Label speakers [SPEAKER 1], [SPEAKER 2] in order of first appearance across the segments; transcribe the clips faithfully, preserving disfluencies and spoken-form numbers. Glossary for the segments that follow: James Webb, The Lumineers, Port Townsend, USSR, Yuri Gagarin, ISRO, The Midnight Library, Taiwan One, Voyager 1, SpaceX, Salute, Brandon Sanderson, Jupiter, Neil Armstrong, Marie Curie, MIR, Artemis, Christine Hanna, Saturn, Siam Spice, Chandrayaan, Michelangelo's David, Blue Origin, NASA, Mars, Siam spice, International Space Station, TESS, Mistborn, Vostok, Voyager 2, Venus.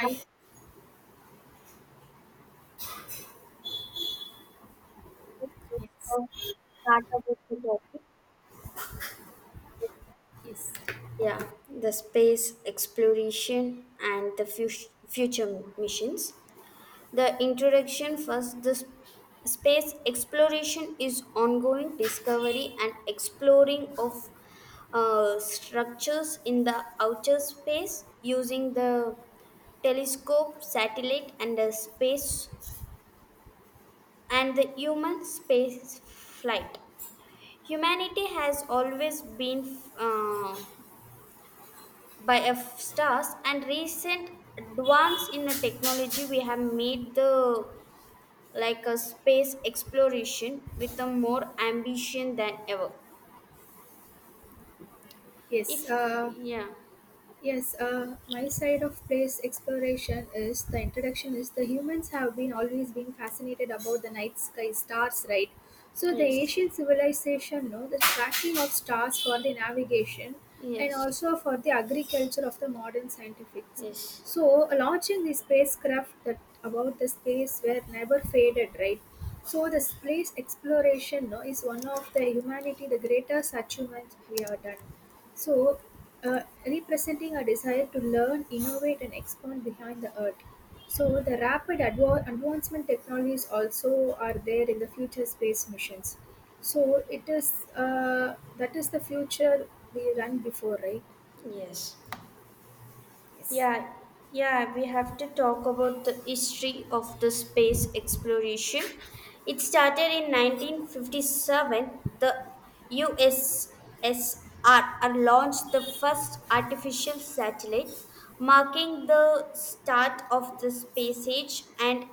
[SPEAKER 1] Let's
[SPEAKER 2] Yes.
[SPEAKER 1] uh, start up with the topic.
[SPEAKER 2] Yes.
[SPEAKER 1] Yeah, the space exploration and the fu- future missions. The introduction first the s- space exploration is ongoing discovery and exploring of uh, structures in the outer space using the telescope, satellite, and the space and the human space flight. Humanity has always been uh, by F stars, and recent advance in the technology we have made the like a space exploration with a more ambition than ever.
[SPEAKER 2] Yes,
[SPEAKER 1] If
[SPEAKER 2] uh,
[SPEAKER 1] yeah,
[SPEAKER 2] yes, uh, my side of place exploration is the introduction is the humans have been always been fascinated about the night sky stars, right? So the
[SPEAKER 1] yes,
[SPEAKER 2] ancient civilization know the tracking of stars for the navigation and
[SPEAKER 1] yes,
[SPEAKER 2] also for the agriculture of the modern scientifics.
[SPEAKER 1] yes,
[SPEAKER 2] So launching the spacecraft that about the space where never faded, right? So the space exploration, no, is one of the humanity the greatest achievements we have done. So, uh, representing a desire to learn, innovate, and expand behind the earth. So the rapid adva- advancement technologies also are there in the future space missions. So it is, uh, that is the future we run before, right?
[SPEAKER 1] yes.
[SPEAKER 2] Yes.
[SPEAKER 1] Yeah, yeah, we have to talk about the history of the space exploration. It started in nineteen fifty seven. The U S S R launched the first artificial satellite, marking the start of the space age and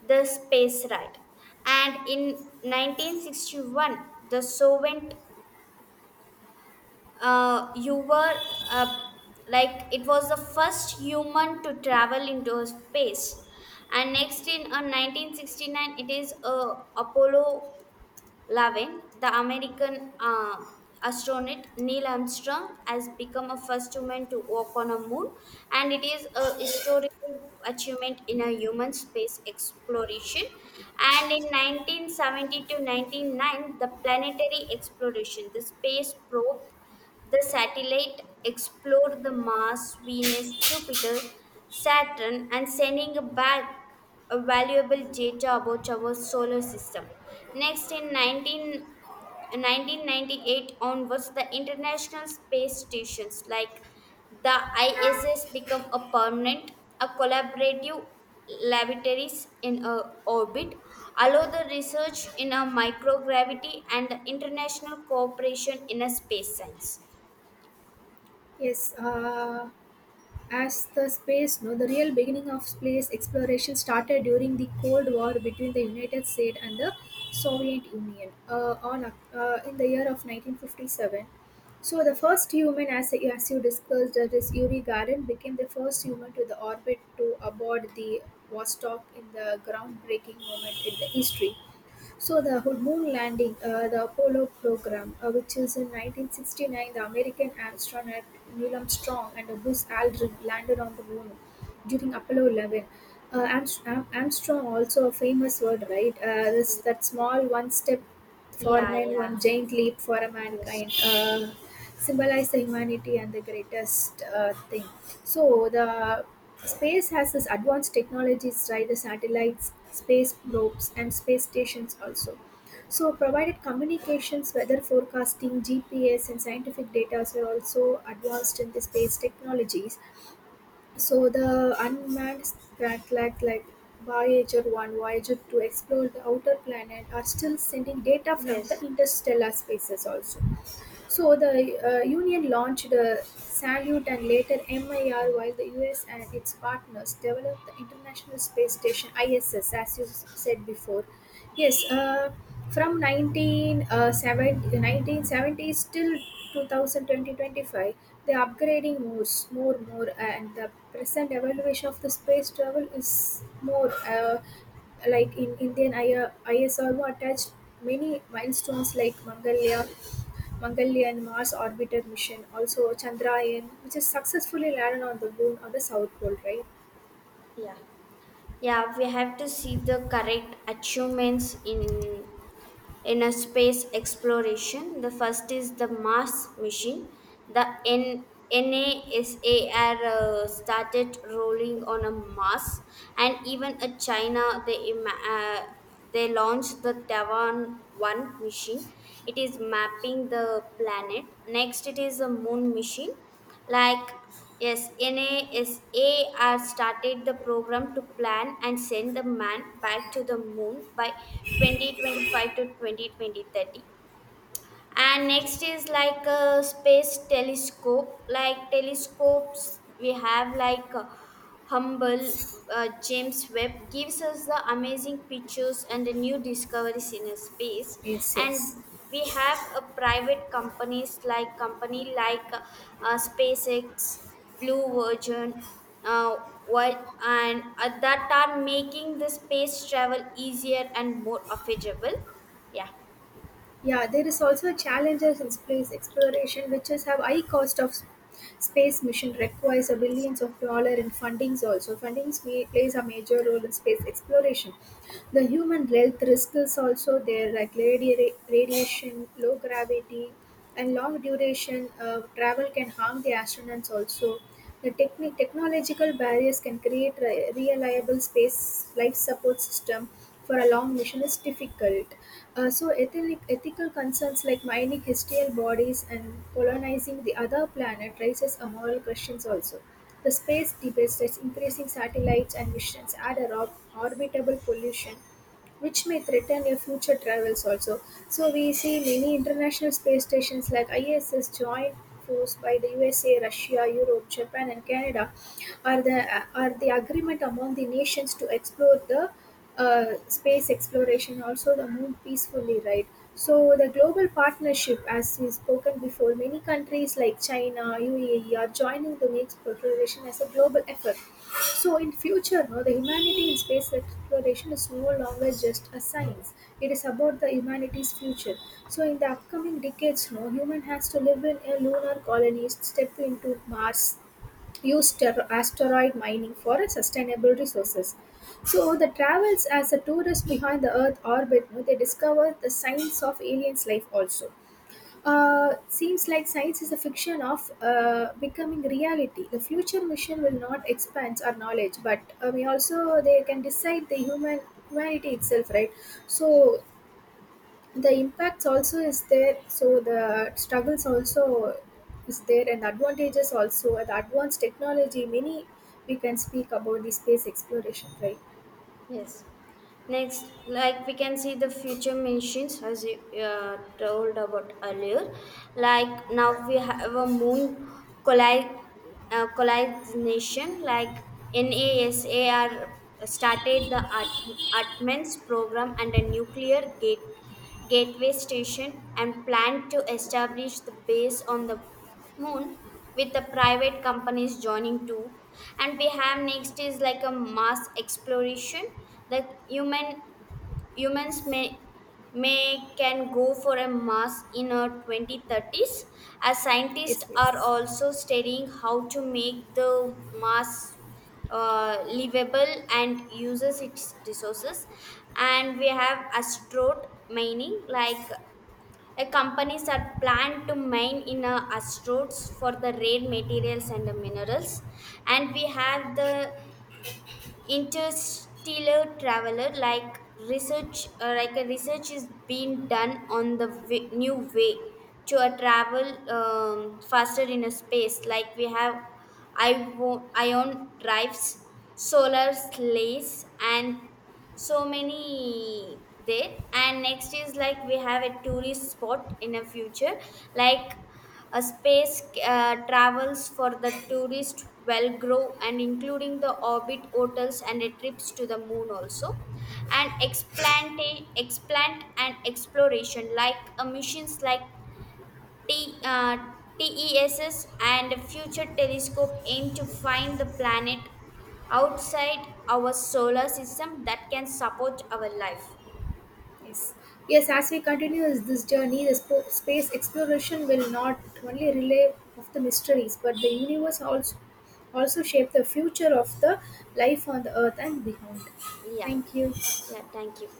[SPEAKER 1] the space ride. And in nineteen sixty one, the Soviet uh, you were uh, like it was the first human to travel into space and next in uh, nineteen sixty nine it is uh, apollo eleven, the american uh, astronaut neil armstrong has become a first human to walk on a moon, and it is a historical achievement in a human space exploration. And in nineteen seventy to ninety nine, the planetary exploration, the space probe, the satellite explored the Mars, Venus, Jupiter, Saturn, and sending back a valuable data about our solar system. Next, in nineteen nineteen ninety eight onwards, the International Space Stations like the I S S become a permanent, a collaborative laboratories in a orbit, allow the research in a microgravity and international cooperation in a space science.
[SPEAKER 2] Yes. Uh, As the space, no, the real beginning of space exploration started during the Cold War between the United States and the Soviet Union, uh, on, uh, in the year of nineteen fifty-seven. So the first human, as, as you discussed, that is Yuri Gagarin, became the first human to the orbit to aboard the Vostok in the groundbreaking moment in the history. So the whole moon landing, uh, the Apollo program, uh, which is in nineteen sixty-nine, the American astronaut Neil Armstrong and Buzz Aldrin landed on the moon during Apollo eleven. Uh, Armstrong, Armstrong also a famous word, right? Uh, this that small one step for
[SPEAKER 1] Yeah,
[SPEAKER 2] men,
[SPEAKER 1] yeah,
[SPEAKER 2] one giant leap for a
[SPEAKER 1] yes,
[SPEAKER 2] mankind, uh, symbolize the humanity and the greatest uh, thing. So the space has this advanced technologies, right? The satellites, space probes and space stations also, so provided communications, weather forecasting, g p s and scientific data are also advanced in the space technologies. So the unmanned spacecraft like Voyager one, Voyager two explore the outer planet, are still sending data from the
[SPEAKER 1] yes,
[SPEAKER 2] interstellar spaces also. So the uh, Union launched the Salute and later MIR, while the U S and its partners developed the International Space Station I S S, as you s- said before. Yes, uh, from nineteen, uh, seven- nineteen seventies till two thousand twenty twenty-five, 25 they are upgrading more, s- more, more, and the present evaluation of the space travel is more. Uh, like in Indian I- ISRO attached many milestones like Mangalya Mangalyaan Mars orbiter mission, also Chandrayaan, which is successfully landed on the moon on the south pole, right?
[SPEAKER 1] yeah, yeah. We have to see the correct achievements in in a space exploration. The first is the Mars mission. The N NASAR uh, started rolling on a Mars, and even a China they ima- uh, they launched the Taiwan One mission. It is mapping the planet. Next, it is a Moon mission, like. Yes, NASA has started the program to plan and send the man back to the moon by twenty twenty five to twenty twenty thirty, and next is like a space telescope. Like telescopes, we have like uh, humble, uh, james webb gives us the amazing pictures and the new discoveries in a space.
[SPEAKER 2] Yes,
[SPEAKER 1] And
[SPEAKER 2] yes.
[SPEAKER 1] we have a private companies like company like uh, uh, spacex, blue Origin, uh, what and at that are making the space travel easier and more affordable. Yeah.
[SPEAKER 2] Yeah, there is also a challenges in space exploration, which is have high cost of s- space mission requires a
[SPEAKER 1] Yes.
[SPEAKER 2] billions of dollar in fundings. Also, fundings may, plays a major role in space exploration. The human health risk is also there, like radi- radiation, low gravity, and long duration uh, travel can harm the astronauts. Also, the techni- technological barriers can create re- reliable space life support system for a long mission is difficult. Uh, so, ethic- ethical concerns like mining hostile bodies and colonizing the other planet raises a moral questions also. The space debates, that's increasing satellites and missions, add a
[SPEAKER 1] Anti
[SPEAKER 2] rob-
[SPEAKER 1] waste.
[SPEAKER 2] orbitable pollution which may threaten your future travels also. So we see many international space stations like I S S joined force by the U S A, Russia, Europe, Japan and Canada, are the are the agreement among the nations to explore the uh, space exploration also the moon peacefully, right? So the global partnership, as we spoken before, many countries like China, U A E are joining to make exploration as a global effort. So in future, no, the humanity in space exploration is no longer just a science. It is about the humanity's future. So in the upcoming decades, no, human has to live in a lunar colony, step into Mars, use ter- asteroid mining for sustainable resources. So the travels as a tourist behind the Earth orbit, no, they discover the science of aliens' life also. Uh, seems like science is a fiction of uh, becoming reality. The future mission will not expand our knowledge, but uh, we also they can decide the human humanity itself, right? So the impacts also is there, so the struggles also is there, and advantages also the advanced technology, many we can speak about the space exploration, right?
[SPEAKER 1] Yes. Next, like we can see the future missions as you uh, told about earlier. Like now we have a moon colli uh, collision. Like NASA are started the Atmans program and a nuclear gate gateway station and planned to establish the base on the moon with the private companies joining too. And we have next is like a mass exploration. The human humans may may can go for a Mars in our twenty thirties, as scientists
[SPEAKER 2] Yes,
[SPEAKER 1] are
[SPEAKER 2] yes,
[SPEAKER 1] also studying how to make the Mars uh, livable and uses its resources. And we have asteroid mining, like a companies are planned to mine in uh, asteroids for the rare materials and the minerals. And we have the interstellar traveler, like research uh, like a research is being done on the w- new way to a travel um, faster in a space. Like we have ion, ion drives, solar sleighs, and so many there. And next is like we have a tourist spot in a future, like a space uh, travels for the tourist Velgrove and including the orbit hotels and a trips to the moon also. And explant, explant and exploration like uh, missions like T, uh, T E S S and Future Telescope aim to find the planet outside our solar system that can support our life.
[SPEAKER 2] yes, yes, as we continue is this journey the sp- space exploration will not only relay of the mysteries but the universe also also shape the future of the life on the earth and beyond.
[SPEAKER 1] Yeah,
[SPEAKER 2] Thank you.
[SPEAKER 1] yeah, thank you.